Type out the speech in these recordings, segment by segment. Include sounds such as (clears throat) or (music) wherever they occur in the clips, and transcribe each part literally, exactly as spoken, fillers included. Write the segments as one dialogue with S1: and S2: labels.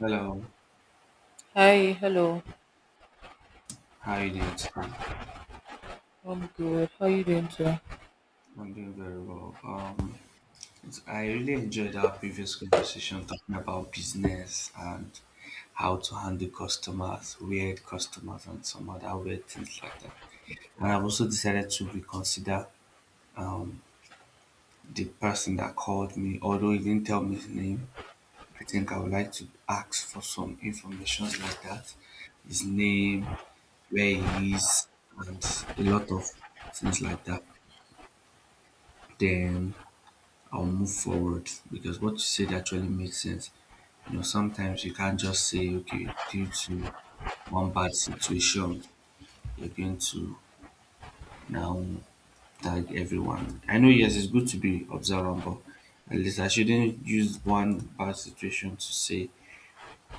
S1: Hello,
S2: Hi, hello.
S1: how are you doing today?
S2: I'm good. How you doing today?
S1: I'm doing very well. Um, it's, I really enjoyed our previous conversation talking about business and how to handle customers, weird customers, and some other weird things like that. And I've also decided to reconsider um, the person that called me, although he didn't tell me his name. I think I would like to ask for some information like that, his name, where he is, and a lot of things like that. Then I'll move forward because what you said actually makes sense. You know, sometimes you can't just say, okay, due to one bad situation, you're going to now tag everyone. I know, yes, it's good to be observant, but at least I shouldn't use one bad situation to say,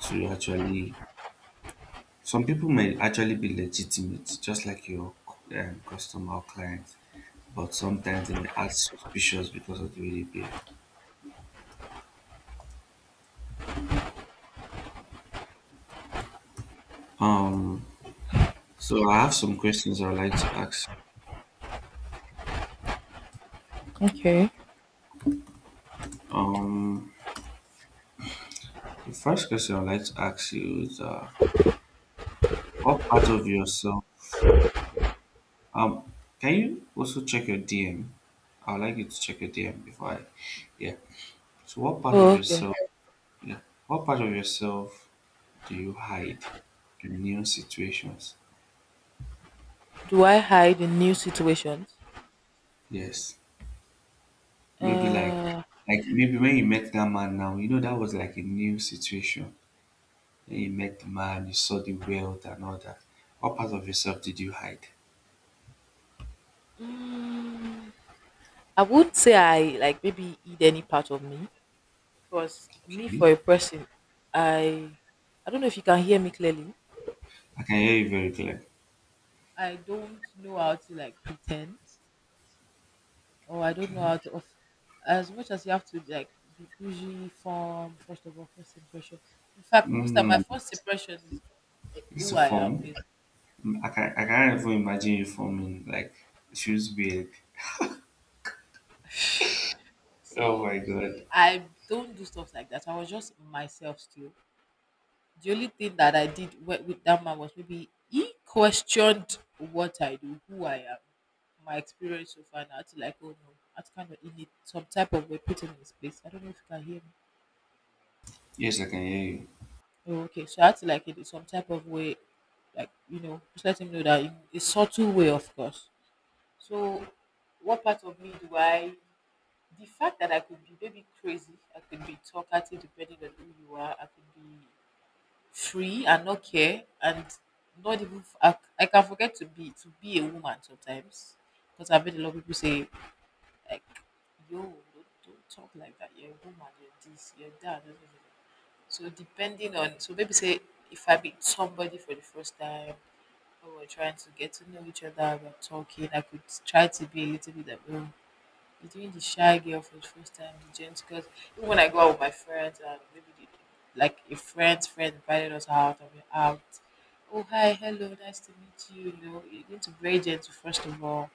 S1: to actually, some people may actually be legitimate, just like your um, customer or client, but sometimes they may act suspicious because of the way they behave. Um, so I have some questions I would like to ask.
S2: Okay.
S1: Um, the first question I'd like to ask you is uh, what part of yourself? Um, can you also check your D M? I'd like you to check your D M before I, yeah. So, what part
S2: Oh,
S1: of
S2: okay.
S1: yourself? Yeah, what part of yourself do you hide in new situations?
S2: Do I hide in new situations?
S1: Yes, maybe like,
S2: Uh,
S1: like maybe when you met that man now, you know that was like a new situation. Then you met the man, you saw the wealth and all that. What part of yourself did you hide?
S2: I wouldn't say I like maybe eat any part of me, because me
S1: Okay.
S2: for a person, I, I don't know if you can hear me clearly.
S1: I can hear you very clear.
S2: I don't know how to like pretend, or I don't know how
S1: Okay.
S2: to. Of, as much as you have to like be bougie from first of all first impression. In fact, most of my
S1: Mm,
S2: first impression is eh,
S1: it's a
S2: who I am.
S1: form. Mm, I can I can't even imagine you forming. Like it feels weird. Oh
S2: So
S1: my god.
S2: I don't do stuff like that. I was just myself still. The only thing that I did wi- with that man was maybe he questioned what I do, who I am, my experience so far. Now to like, oh no, I had to kind of in it some type of way put him in his place. I don't know if you can hear me.
S1: Yes, I can hear you.
S2: Oh, okay, so I had to like in some type of way, like you know, just let him know that in a subtle way, of course. So, what part of me do I, the fact that I could be maybe crazy, I could be talkative depending on who you are, I could be free and not care and not even f- I, I can forget to be to be a woman sometimes, because I've heard a lot of people say like yo don't, don't talk like that, you're a woman, you're this, you're that, blah, blah, blah. So depending on, so maybe say if I meet somebody for the first time or we're trying to get to know each other, we're talking, I could try to be a little bit of, oh, between the shy girl for the first time, the gent, because even when I go out with my friends, and maybe the, like a friend's friend invited us out, and we're out. Oh, hi, hello, nice to meet you. You know, you need to be very gentle, first of all.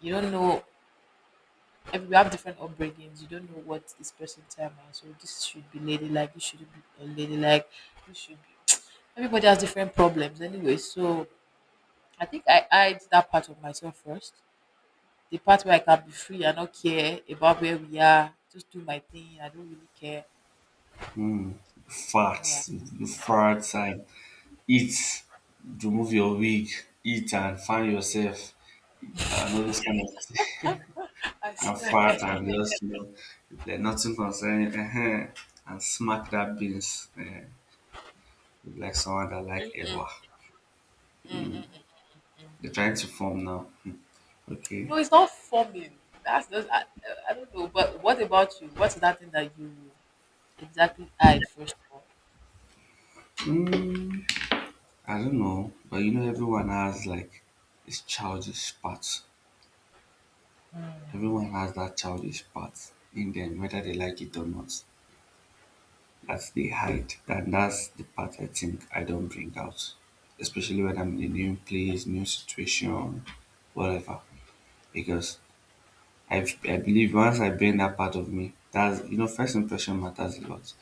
S2: You don't know, every- we have different upbringings. You don't know what this person's time is. So this should be ladylike, this should be unladylike, this should be (tsk) everybody has different problems anyway, so I think I hide that part of myself first, the part where I can be free and not care about where we are, just do my thing. I don't really care.
S1: Mm. Fart.
S2: Yeah.
S1: You fart and eat. Remove your wig. Eat and find yourself. And all those kind of thing.
S2: I
S1: (laughs) And
S2: swear.
S1: fart
S2: (laughs)
S1: and just, you know, you play nothing concerning uh and smack that beans uh, like someone that like ever. They're trying to form now. Okay.
S2: No, it's not forming. That's just, I, I don't know. But what about you? What's that thing that you exactly eyed first of all?
S1: Mm. I don't know, but you know, everyone has like its childish part. Everyone has that childish part in them, whether they like it or not. That they hide. And that's the part I think I don't bring out. Especially when I'm in a new place, new situation, whatever. Because I, I believe once I bring that part of me, that's, you know, first impression matters a lot.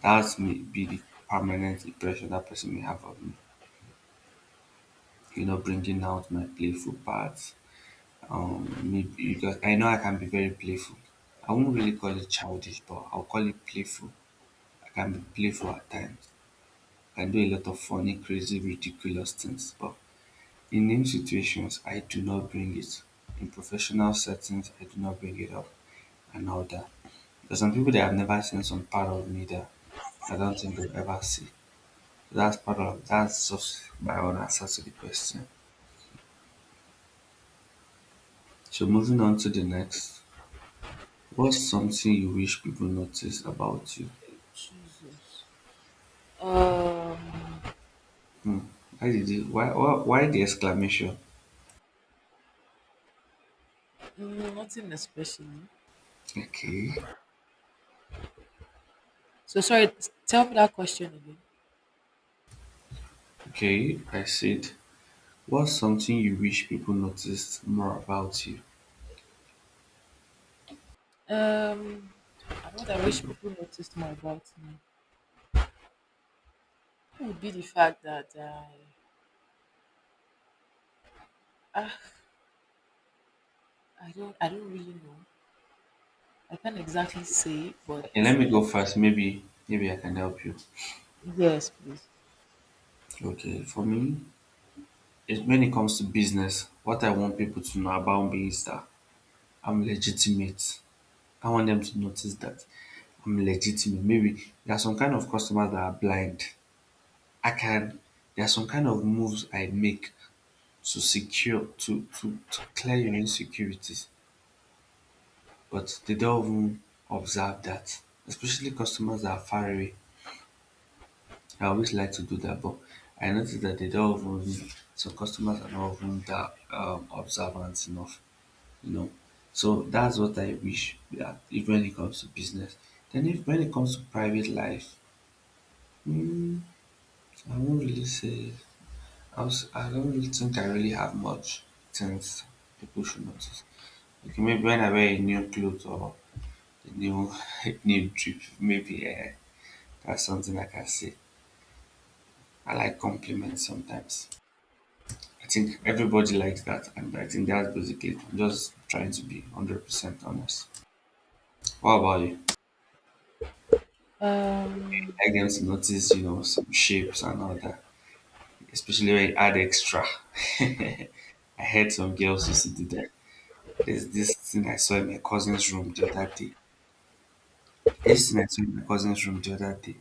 S1: That's may be the permanent impression that person may have of me. You know, bringing out my playful parts, um maybe because I know I can be very playful. I won't really call it childish, but I'll call it playful. I can be playful at times. I can do a lot of funny, crazy, ridiculous things, but in new situations, I do not bring it. In professional settings, I do not bring it up and all that. There's some people that have never seen some part of me that I don't think they'll ever see. So that's part of that's just my own answer to the question. So moving on to the next. What's something you wish people notice about you?
S2: Jesus. Um,
S1: Hmm. Why did it, why, why why the exclamation?
S2: mm, nothing especially.
S1: Okay,
S2: So sorry. s- Tell me that question again.
S1: okay. I said, what's something you wish people noticed more about you?
S2: Um, what I wish
S1: People.
S2: people noticed more about me would be the fact that I, ah, I don't, I don't really know. I can't exactly say, but
S1: Okay, let me go first. Maybe maybe I can help you.
S2: yes, please.
S1: Okay, for me, it, when it comes to business, what I want people to know about me is that I'm legitimate. I want them to notice that I'm legitimate. Maybe there are some kind of customers that are blind. I can. There are some kind of moves I make to secure to, to, to clear your insecurities, but they don't even observe that, especially customers that are far away. I always like to do that, but I notice that they don't even, some customers are not even that um, observant enough, you know. So that's what I wish that if when it comes to business, then if when it comes to private life, mm, I won't really say I, was, I don't really think I really have much since people should notice. Okay, maybe when I wear a new clothes or new (laughs) new drip. Maybe yeah, that's something like I can say. I like compliments sometimes. I think everybody likes that, and I think that's basically it. I'm just trying to be one hundred percent honest. What about you? You
S2: um,
S1: like them to notice, you know, some shapes and all that, especially when you add extra. (laughs) I heard some girls used to do that. There's this thing I saw in my cousin's room the other day. This thing I saw in my cousin's room the other day.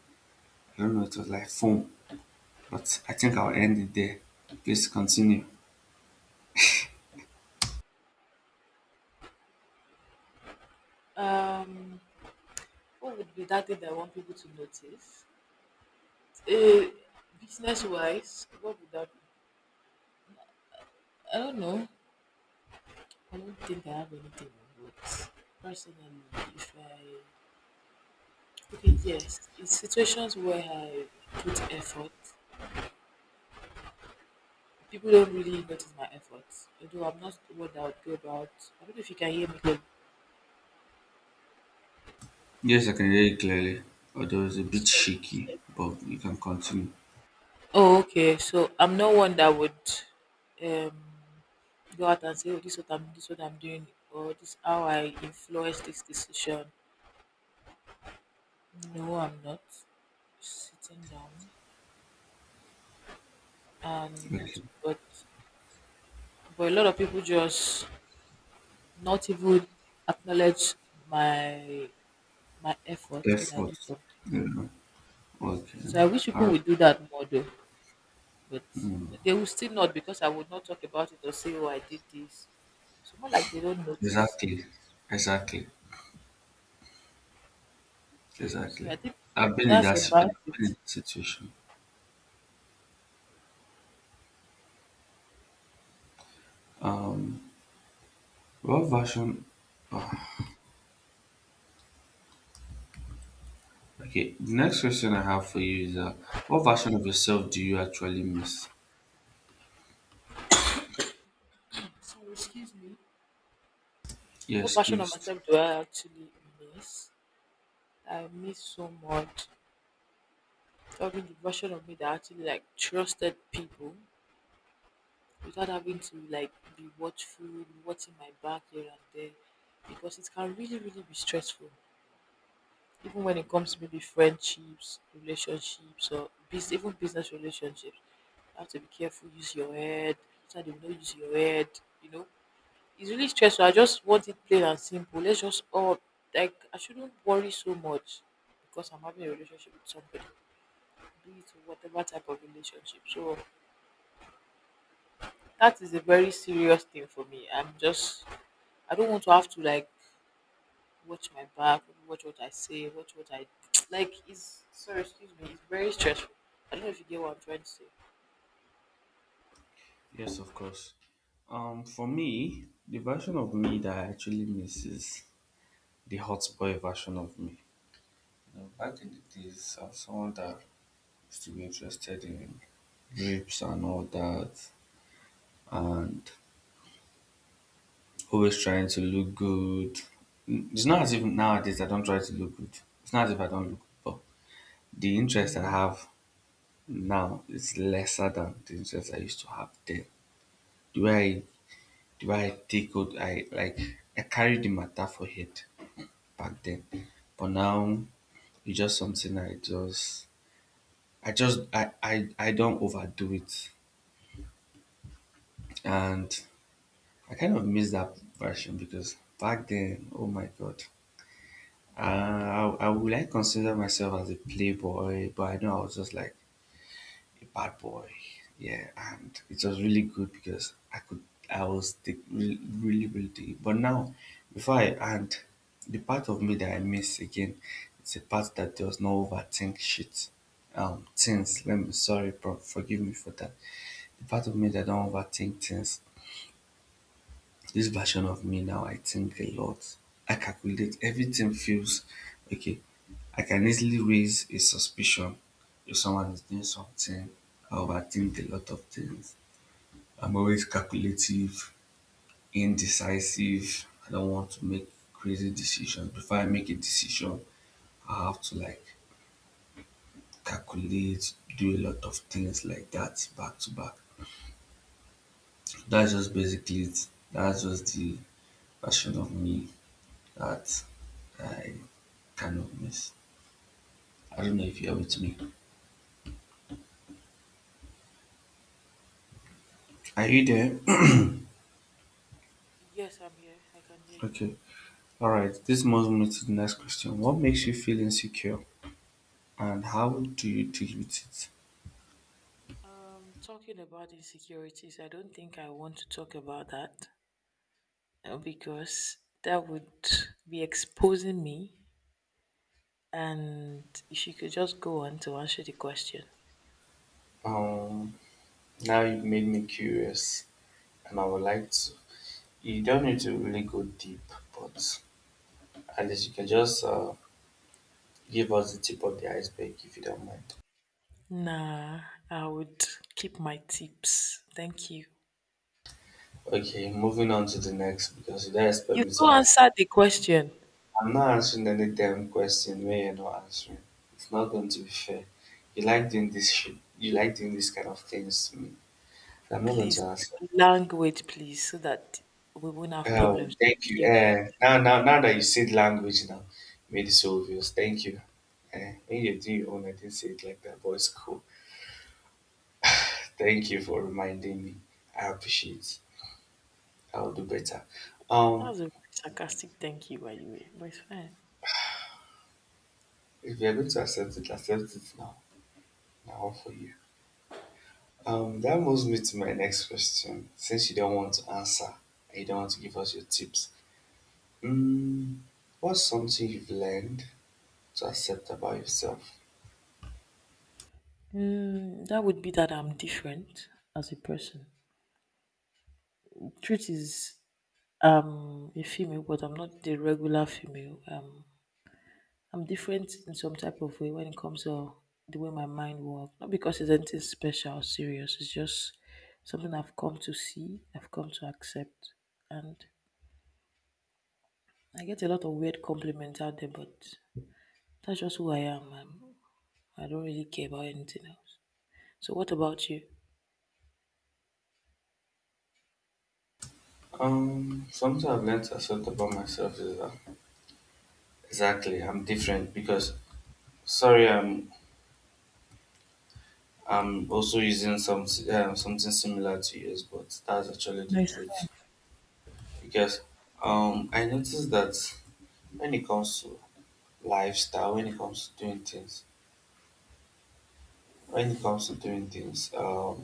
S1: I don't know, it was like foam, but I think I'll end it there. Please continue.
S2: um, what would be that thing that I want people to notice? Uh, business wise, what would that be? I don't know. I don't think I have anything, but personally, if I, okay, yes, in situations where I put effort, people don't really notice my efforts. Although I'm not one that would go about. I don't know if you can hear me clearly.
S1: Yes, I can hear you clearly, although it's a bit shaky, but you can continue.
S2: Oh, okay. So I'm not one that would um go out and say, oh, this is what I'm, this is what I'm doing, or this is how I influence this decision. No, I'm not sitting down, and
S1: Okay.
S2: but but a lot of people just not even acknowledge my my effort when I do
S1: Effort.
S2: something.
S1: Yeah. Okay.
S2: So I wish people
S1: All right.
S2: would do that more though, but they will still not, because I would not talk about it or say, oh, I did this. So more like they don't notice. And
S1: Exactly.
S2: so
S1: Exactly.
S2: so
S1: Exactly.
S2: I think
S1: I've been in
S2: that's
S1: that, si- I've
S2: about
S1: been in
S2: it.
S1: that situation. What version? Okay. The next question I have for you is uh, what version of yourself do you actually miss?
S2: So excuse me. What
S1: Yes,
S2: version of
S1: excused.
S2: myself do I actually miss? I miss so much having the version of me that actually like trusted people without having to like be watchful, be watching my back here and there, because it can really, really be stressful. Even when it comes to maybe friendships, relationships, or bus even business relationships, you have to be careful. Use your head. So they will not use your head. You know, it's really stressful. I just want it plain and simple. Let's just all, like, I shouldn't worry so much because I'm having a relationship with somebody, be it whatever type of relationship. So that is a very serious thing for me. I'm just, I don't want to have to like watch my back, watch what I say, watch what I (tsk) like. It's sorry, excuse me. It's very stressful. I don't know if you get what I'm trying to say.
S1: Yes, of course. Um, for me, the version of me that I actually miss is the hot boy version of me. Now, back in the days, I was someone that used to be interested in rapes and all that, and always trying to look good. Mm, it's not as if nowadays I don't try to look good. It's not as if I don't look good, but the interest I have now is lesser than the interest I used to have then. The way I, the way I take out, I like, I carry the matter for head back then, but now it's just something I just, I just, I, I, I don't overdo it. And I kind of miss that version because back then, oh my God, uh, I, I would like consider myself as a playboy, but I know I was just like a bad boy. Yeah, and it was really good because I could, I was the, really, really, really deep. But now, before I, and the part of me that I miss again, it's a part that does not overthink shit. Um, things, let me, sorry, bro, forgive me for that. The part of me that don't overthink things, this version of me now, I think a lot. I calculate. Everything feels okay. I can easily raise a suspicion if someone is doing something. I overthink a lot of things. I'm always calculative, indecisive. I don't want to make crazy decisions. Before I make a decision, I have to like calculate, do a lot of things like that back to back. That's just basically it. That's just the version of me that I cannot miss. I don't know if you're with me. Are you there? (clears throat)
S2: Yes, I'm here. I can hear you.
S1: Okay. All right. This moves me to the next question. What makes you feel insecure, and how do you deal with it?
S2: Um, talking about insecurities, I don't think I want to talk about that, uh, because that would be exposing me. And if you could just go on to answer the question,
S1: Um, now you've made me curious, and I would like to. You don't need to really go deep, but at least you can just uh, give us the tip of the iceberg if you don't mind.
S2: nah, I would keep my tips. Thank you.
S1: Okay, moving on to the next because you don't expect
S2: You
S1: me to
S2: go
S1: ask.
S2: answer the question,
S1: I'm not answering any damn question where you're not answering. It's not going to be fair. You like doing this shit. You like doing this kind of things to me. So I'm not going
S2: please.
S1: to answer.
S2: Language, please, so that we won't have
S1: Oh,
S2: problems
S1: thank you.
S2: with QoS.
S1: Uh, now, now, now that you said language, now made it so obvious. Thank you. Uh, when you do your own, I didn't say it like that, but it's cool. Thank you for reminding me. I appreciate. It. I'll do better. Um,
S2: That's a very sarcastic thank you, by the way, but it's fine.
S1: if you're going to accept it, accept it now. Now for you. Um, that moves me to my next question. Since you don't want to answer and you don't want to give us your tips, mm, what's something you've learned to accept about yourself?
S2: Mm, that would be that I'm different as a person. Truth is, I'm a female, but I'm not the regular female. Um I'm different in some type of way when it comes to the way my mind works. Not because it's anything special or serious. It's just something I've come to see, I've come to accept. And I get a lot of weird compliments out there, but that's just who I am. I'm, I don't really care about anything else. So what about you?
S1: Um, something I've learned to accept about myself is that exactly I'm different because sorry I'm I'm also using some um, something similar to yours, but that's actually the
S2: No, it's fine.
S1: truth because um I noticed that when it comes to lifestyle, when it comes to doing things. When it comes to doing things, um,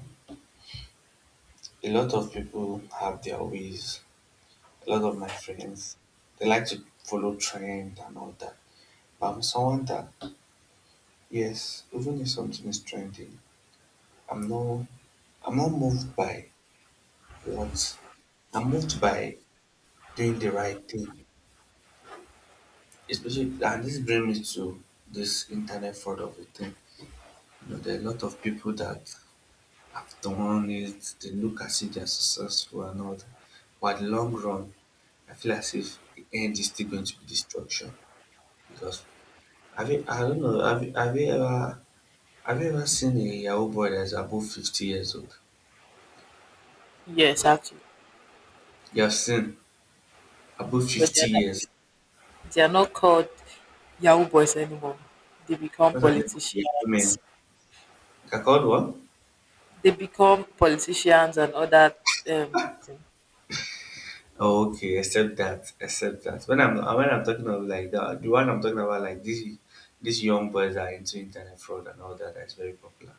S1: a lot of people have their ways. A lot of my friends, they like to follow trend and all that. But I'm someone that, yes, even if something is trending, I'm not, I'm not moved by what. I'm moved by doing the right thing. Especially, and this brings me to this internet fraud of a thing. You know, there are a lot of people that have done it, they look as if they are successful and all that. But at the long run, I feel as if the end is still going to be destruction because have you, I don't know, have you, have you ever have you ever seen a Yahoo boy that is above fifty years old?
S2: Yes, actually.
S1: You have seen above
S2: But they
S1: fifty
S2: are,
S1: years.
S2: not- they are not called Yahoo boys anymore. They become
S1: What are they called? Yahoo
S2: politicians.
S1: men. They're called what?
S2: They become politicians and other. um,
S1: Oh, okay, except that, except that. When I'm when I'm talking of like the the one I'm talking about, like these these young boys that are into internet fraud and all that, that's very popular.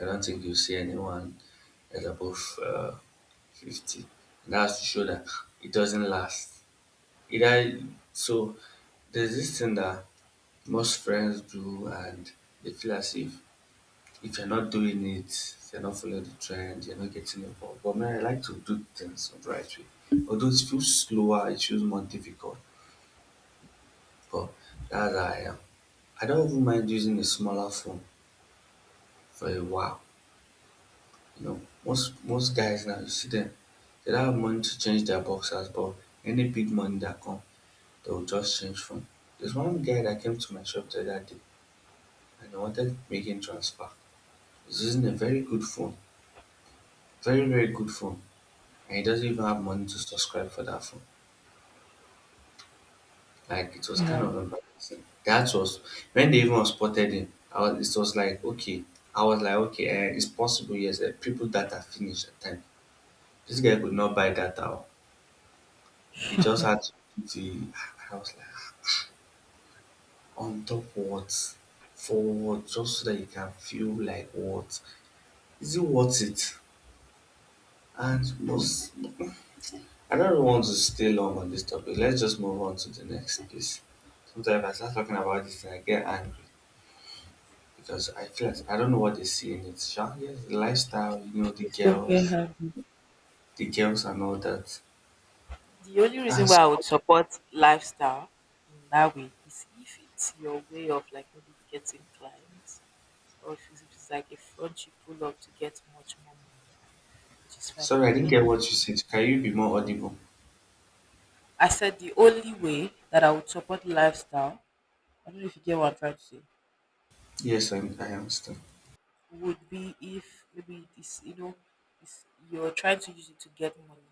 S1: I don't think you see anyone that's above uh, fifty. And that's to show that it doesn't last. Either so there's this thing that most friends do and they feel as if if you're not doing it, you're not following the trend, you're not getting involved. But man, I like to do things the right way. Although it feels slower, it feels more difficult. But that's how I am. I don't even mind using a smaller phone for a while. You know, most most guys now you see them, they don't have money to change their boxers, but any big money that come, they will just change from. There's one guy that came to my shop the other day and he wanted making transfer. He's using a very good phone, very very good phone, and he doesn't even have money to subscribe for that phone. Like it was kind of embarrassing. That was when they even spotted him. I was, it was like okay, I was like okay, eh, it's possible. Yes, eh, people that are finished at time. This guy could not buy data. He just had to do the I was like on top what? For what? Just so that you can feel like what? Is it worth it? And most I don't really want to stay long on this topic. Let's just move on to the next piece. Sometimes I start talking about this and I get angry because I feel like I don't know what they see in it. Sha, yes, the lifestyle, you know, the
S2: don't get
S1: girls,
S2: angry.
S1: the girls and all that.
S2: The only reason
S1: And
S2: why
S1: so,
S2: I would support lifestyle in that way is if it's your way of like maybe getting clients, or if it's, if it's like a front you pull up to get much more money, which is fine
S1: sorry, I
S2: because a
S1: didn't
S2: lot
S1: get
S2: of,
S1: what you said. Can you be more audible?
S2: I said, the only way that I would support lifestyle, I don't know if you get what I'm trying to say,
S1: Yes, I, I understand.
S2: would be if maybe it's you know it's, you're trying to use it to get money.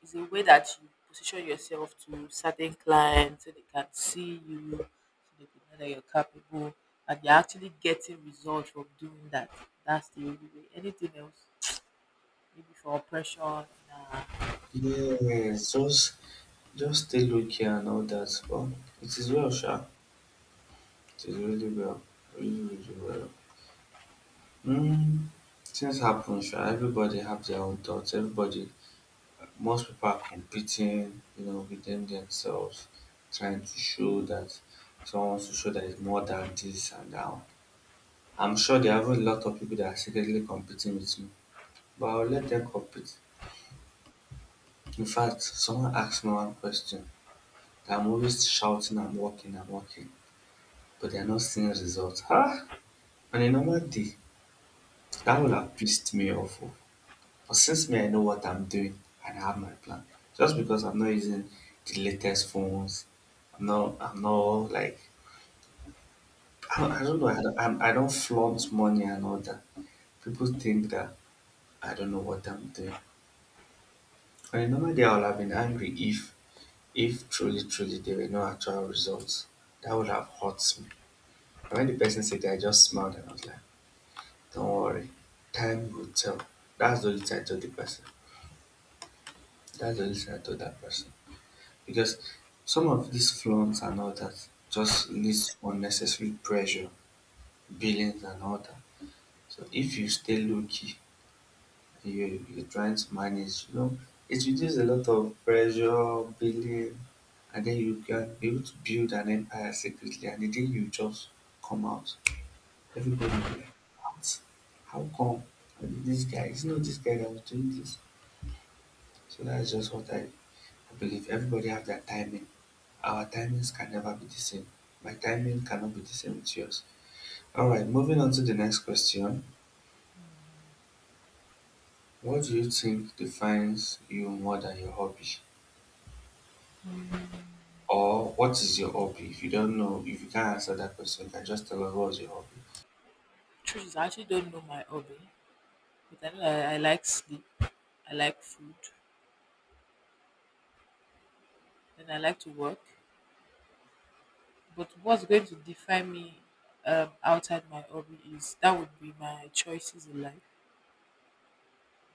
S2: It's a way that you position yourself to certain clients so they can see you, so they can know that you're capable and you're actually getting results from doing that. That's the only way. Anything else, maybe for oppression, nah.
S1: Yes, just just stay low key and all that. But it is well, sha. It is really well, really really well. Mm, things happen, sha. Everybody have their own thoughts. Everybody, most people are competing, you know, within themselves, trying to show that someone wants to show that it's more than this and that. One. I'm sure there are a lot of people that are secretly competing with me, but I'll let them compete. In fact, someone asked me one question that I'm always shouting and walking and walking. But they are not seeing results. Ah, on a normal day, that would have pissed me off. Oh. But since me, I know what I'm doing and I have my plan. Just because I'm not using the latest phones, I'm not, I'm not like, I don't, I don't know, I don't, I'm, I don't flaunt money and all that. People think that I don't know what I'm doing. On a normal day, I would have been angry if, if truly, truly there were no actual results. That would have hurt me. And when the person said that, I just smiled and I was like, don't worry, time will tell. That's the reason I told the person. That's the reason I told that person. Because some of these flaunts and all that just leads to unnecessary pressure, billings and all that. So if you stay low key and you, you're trying to manage, you know, it reduces a lot of pressure, billing, and then you can be able to build an empire secretly. And the day you just come out, everybody will be like, what? How come? This guy, it's not this guy that was doing this. So that's just what I, I believe. Everybody have their timing. Our timings can never be the same. My timing cannot be the same with yours. All right, moving on to the next question. What do you think defines you more than your hobby? Or what is your hobby? If you don't know, if you can't answer that question, you can just tell us what's your hobby.
S2: Truth is, I actually don't know my hobby, but I know I, I like sleep, I like food, and I like to work. But what's going to define me, um, outside my hobby, is, that would be my choices in life,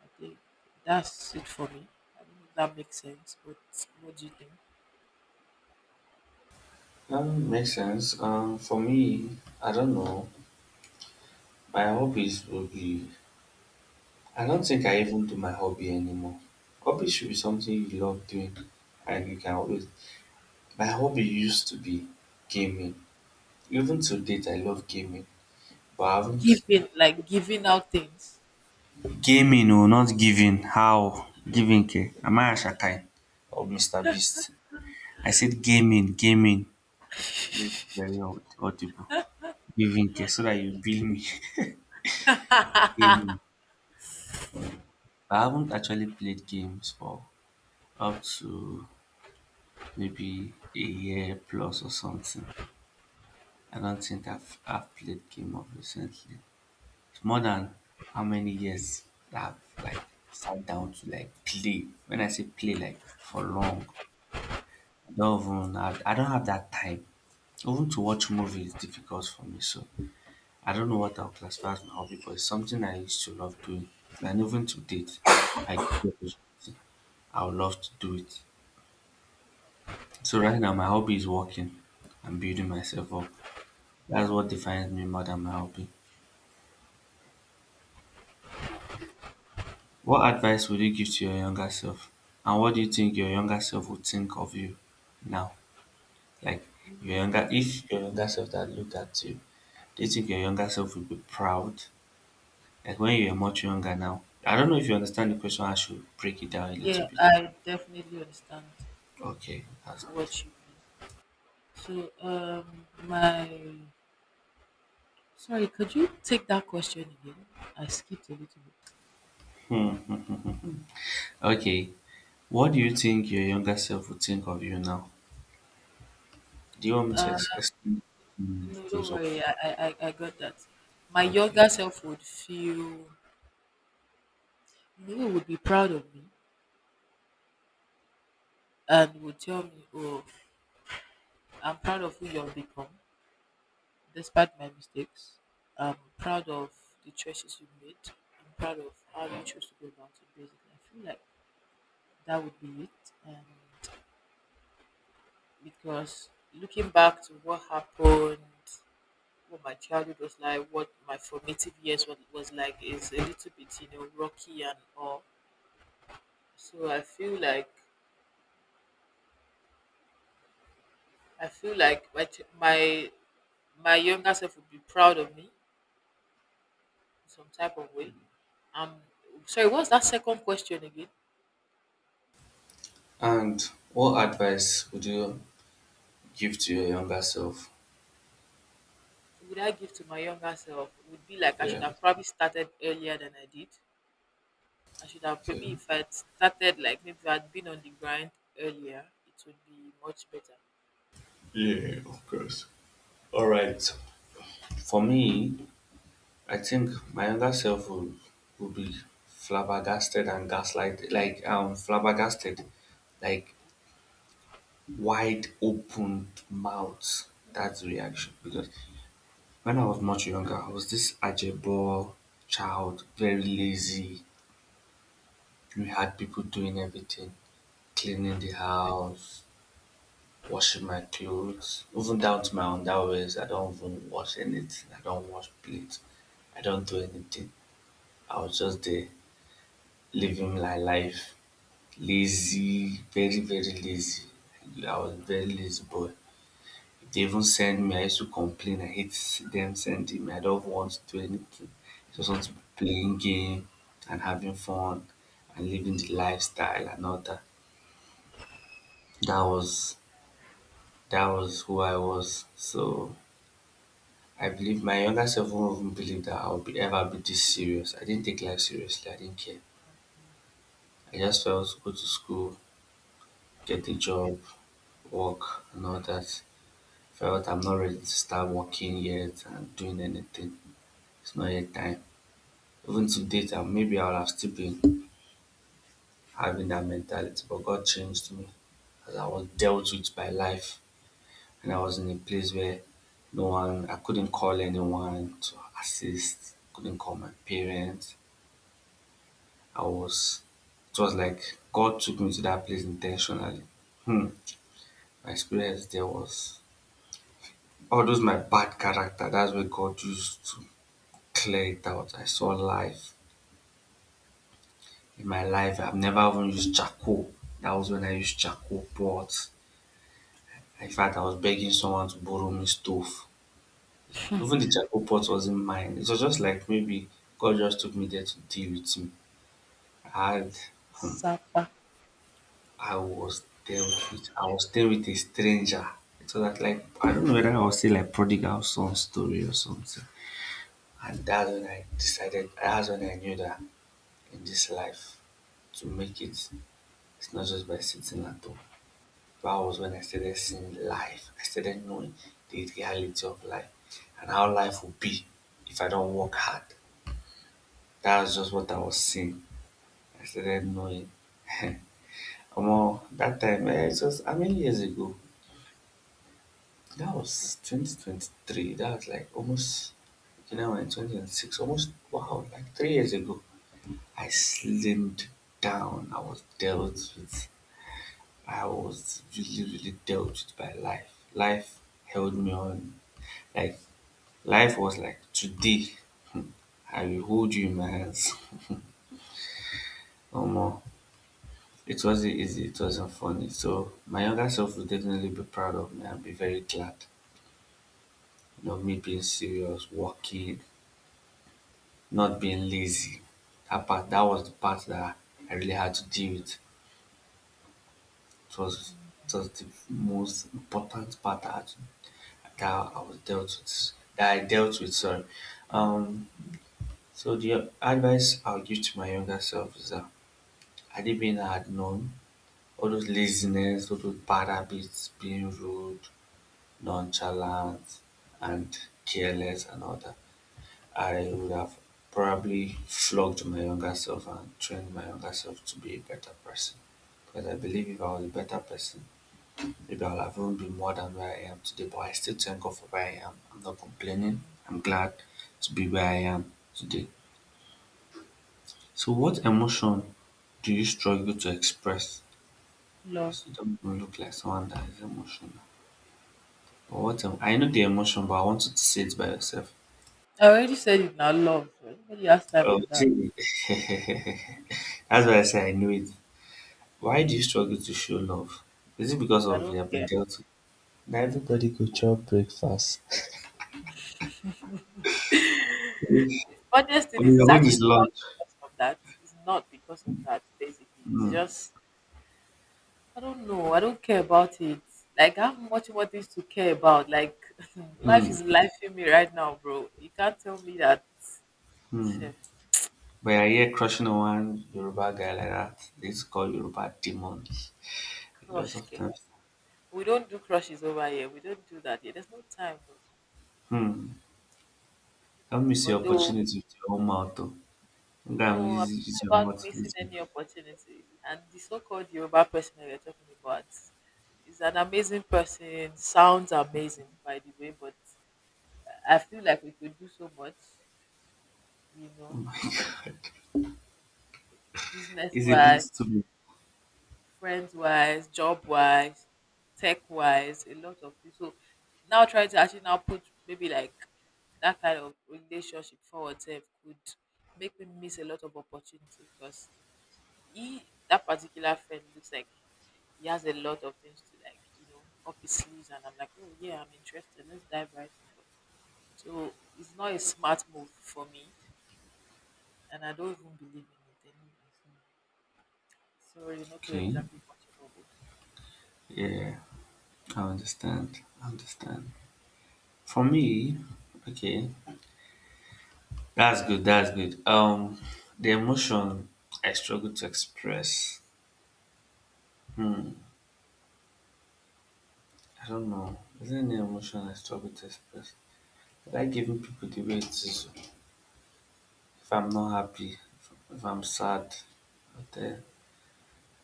S2: I think. That's it for me. I don't know if that makes sense, but what do you think?
S1: Um, makes sense. Um, for me, I don't know. My hobbies will be. I don't think I even do my hobby anymore. Hobby should be something you love doing, and you can always my hobby used to be gaming. Even to date, I love gaming, but I haven't.
S2: Giving, like giving out things.
S1: Gaming, oh, not giving. How? Giving, K? Am I a Ashakine or mister Beast? I said gaming, gaming. Let me be very aud- audible. Giving, K. so that you bill me. (laughs) Gaming. I haven't actually played games for up to maybe a year plus or something. I don't think I've, I've played game of recently. It's more than how many years that I've like sat down to like play. When I say play, like for long, I don't even have, I don't have that time. Even to watch movie is difficult for me. So I don't know what I'll classify as my hobby, but it's something I used to love doing. And even to date, if I get the opportunity, I would love to do it. So right now, my hobby is working and building myself up. That's what defines me more than my hobby. What advice would you give to your younger self? And what do you think your younger self would think of you now? Like your younger if your younger self that looked at you, do you think your younger self would be proud? Like when you're much younger now. I don't know if you understand the question, I should break it down a little
S2: Yeah,
S1: bit.
S2: I definitely understand
S1: Okay, that's good.
S2: what you mean. So, um, my sorry, could you take that question again? I skipped a little bit.
S1: Hmm. Okay. What do you think your younger self would think of you now? Do you want me to ex- explain
S2: No,
S1: those?
S2: don't worry. I, I, I I got that. My
S1: Okay.
S2: younger self would feel, you would be proud of me and would tell me, "Oh, I'm proud of who you've become." Despite my mistakes, I'm proud of the choices you made. I'm proud of how you chose to go about it. Basically, I feel like that would be it. And because looking back to what happened, what my childhood was like, what my formative years was, was like, is a little bit, you know, rocky and all. So I feel like I feel like my ch- my my younger self would be proud of me in some type of way. Um, sorry, what's that second question again?
S1: And what advice would you give to your younger self?
S2: Would I give to my younger self would be like I
S1: Yeah.
S2: should have probably started earlier than I did. I should have,
S1: Okay.
S2: maybe if I'd started, like maybe if I'd been on the grind earlier, it would be much better.
S1: Yeah, of course. All right. For me, I think my younger self would would be flabbergasted and gaslighted, like um flabbergasted, like wide open mouth. That's the reaction because when I was much younger, I was this ajebo child, very lazy. We had people doing everything, cleaning the house, washing my clothes, even down to my underwears. I don't even wash anything. I don't wash plates. I don't do anything. I was just there living my life. Lazy, very, very lazy. I was a very lazy boy. If they even send me, I used to complain. I hate them sending me. I don't want to do anything. I just want to be playing game and having fun and living the lifestyle and all that. That was that was who I was. So I believe my younger self won't even believe that I would be ever be this serious. I didn't take life seriously. I didn't care. I just felt go to school, get a job, work, and all that. Felt I'm not ready to start working yet and doing anything. It's not yet time. Even to date, I- maybe I'll have still been having that mentality, but God changed me as I was dealt with by life, and I was in a place where no one, I couldn't call anyone to assist, couldn't call my parents, I was it was like God took me to that place intentionally. Hmm. My experience there was all those my bad character, that's where God used to clear it out. I saw life. In my life, I've never even used charcoal. That was when I used charcoal pot. In fact, I was begging someone to borrow me stove. Even the charcoal pot wasn't mine. It was just like maybe God just took me there to deal with me. I had
S2: It's it's
S1: hmm,
S2: Sapa
S1: I was dealt with I was there with a stranger. So that like I don't know whether I was still like prodigal son story or something. And that's when I decided that's when I knew that in this life to make it it's not just by sitting at home. That was when I started seeing life. I started knowing the reality of life and how life would be if I don't work hard. That was just what I was seeing. I started knowing. (laughs) Omo, that time, eh, it was how many years ago? That was twenty twenty-three. That was like almost, you know, in twenty twenty-six, almost, wow, like three years ago. I slimmed down. I was dealt with, I was really, really dealt with by life. Life held me on. Like, life was like, today, hmm, I will hold you in my hands. (laughs) no more. It wasn't easy. It wasn't funny. So, my younger self will definitely be proud of me and be very glad. You know, me being serious, working, not being lazy. That part, that was the part that I really had to deal with. It was, it was the most important part that, I had to- that I was dealt with. That I dealt with, sorry. Um, so the advice I'll give to my younger self is that had it been I had known all those laziness, all those bad habits, being rude, nonchalant, and careless, and all that, I would have probably flogged my younger self and trained my younger self to be a better person. Because I believe if I was a better person, maybe I would have even been more than where I am today. But I still thank God for where I am. I'm not complaining. I'm glad to be where I am today. So, what emotion do you struggle to express?
S2: love.
S1: Because you don't even look like someone that is emotional. But what em- I know the emotion, but I want you to say it by yourself.
S2: I already said it now, love. Nobody has time
S1: Oh,
S2: for
S1: (laughs)
S2: that
S1: see, that's why I say I knew it. Why do you struggle to show love? Is it because
S2: because I
S1: of
S2: don't
S1: you have been
S2: care.
S1: dealt with? Now everybody go chop breakfast. (laughs)
S2: Funniest thing
S1: Oh,
S2: is, it's
S1: your own
S2: actually
S1: is lunch.
S2: not because of that. It's not because of that. Basically, it's
S1: Hmm.
S2: just, I don't know. I don't care about it. Like, I have much more things to care about. Like, (laughs) life
S1: Hmm.
S2: is lifing me right now, bro. You can't tell me that (laughs)
S1: Hmm.
S2: shit.
S1: But I hear crushing on one Yoruba guy like that. They used to call Yoruba demon. A lot
S2: Crush,
S1: of
S2: ke.
S1: times.
S2: We don't do crushes over here. We don't do that here. There's no time, bro.
S1: Hmm. Don't miss your
S2: Although
S1: opportunity with your own mouth though. Sometimes
S2: no, I'm
S1: use, use
S2: not
S1: your
S2: about
S1: mouth to
S2: missing
S1: lose
S2: any opportunity. And the so-called Yoruba person that you're talking about is an amazing person. Sounds amazing, by the way, but I feel like we could do so much, you know, business
S1: it's a bit
S2: wise,
S1: too big.
S2: friends wise, job wise, tech wise, a lot of things. So now, trying to actually now put maybe like that kind of relationship forward self, could make me miss a lot of opportunity, because he, that particular friend looks like he has a lot of things to, like, you know, up his sleeves, and I'm like, oh yeah, I'm interested. Let's dive right in. But, so it's not a smart move for me, and I don't even believe in it anyway. So sorry, not to
S1: Okay.
S2: exactly watch it all.
S1: Yeah. I understand. I understand. For me, okay. That's good. That's good. Um, the emotion I struggle to express. I don't know. Is there any emotion I struggle to express? Like giving people the way it is. If I'm not happy, if I'm sad, I will tell,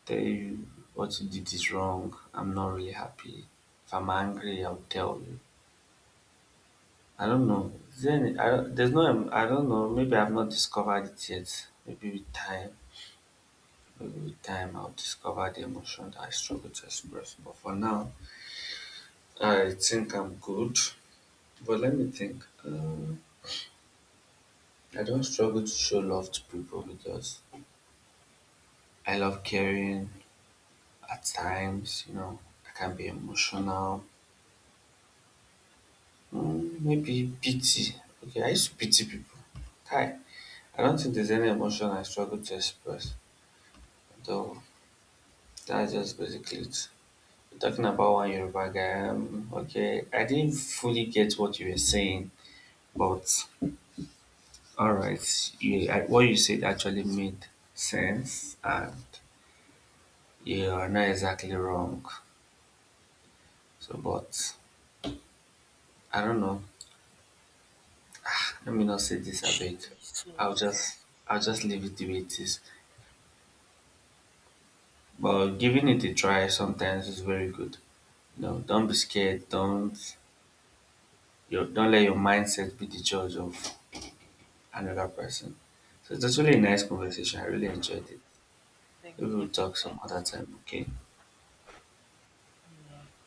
S1: tell you what you did is wrong. I'm not really happy. If I'm angry, I'll tell you. I don't know. Is there any, I don't, there's no. em- I don't know. Maybe I've not discovered it yet. Maybe with time. Maybe with time, I'll discover the emotion that I struggle to express. But for now. I think I'm good, but let me think. Uh, I don't struggle to show love to people because I love caring at times, you know, I can be emotional. Mm, maybe pity. Okay, I used to pity people. Hi, I don't think there's any emotion I struggle to express, though that's just basically it. Talking about one Yoruba guy, um, okay, I didn't fully get what you were saying, but all right. Yeah, I- what you said actually made sense, and you are not exactly wrong. So, but I don't know. Let me not say this a bit. I'll just,
S2: Jesus.
S1: I'll just leave it the way it is. But giving it a try sometimes is very good. No, don't be scared. Don't, you don't let your mindset be the judge of another person. So it's actually a nice conversation. I really enjoyed it.
S2: Thank
S1: Maybe
S2: you
S1: we'll
S2: so
S1: talk some other
S2: much.
S1: time. Okay.
S2: Amen.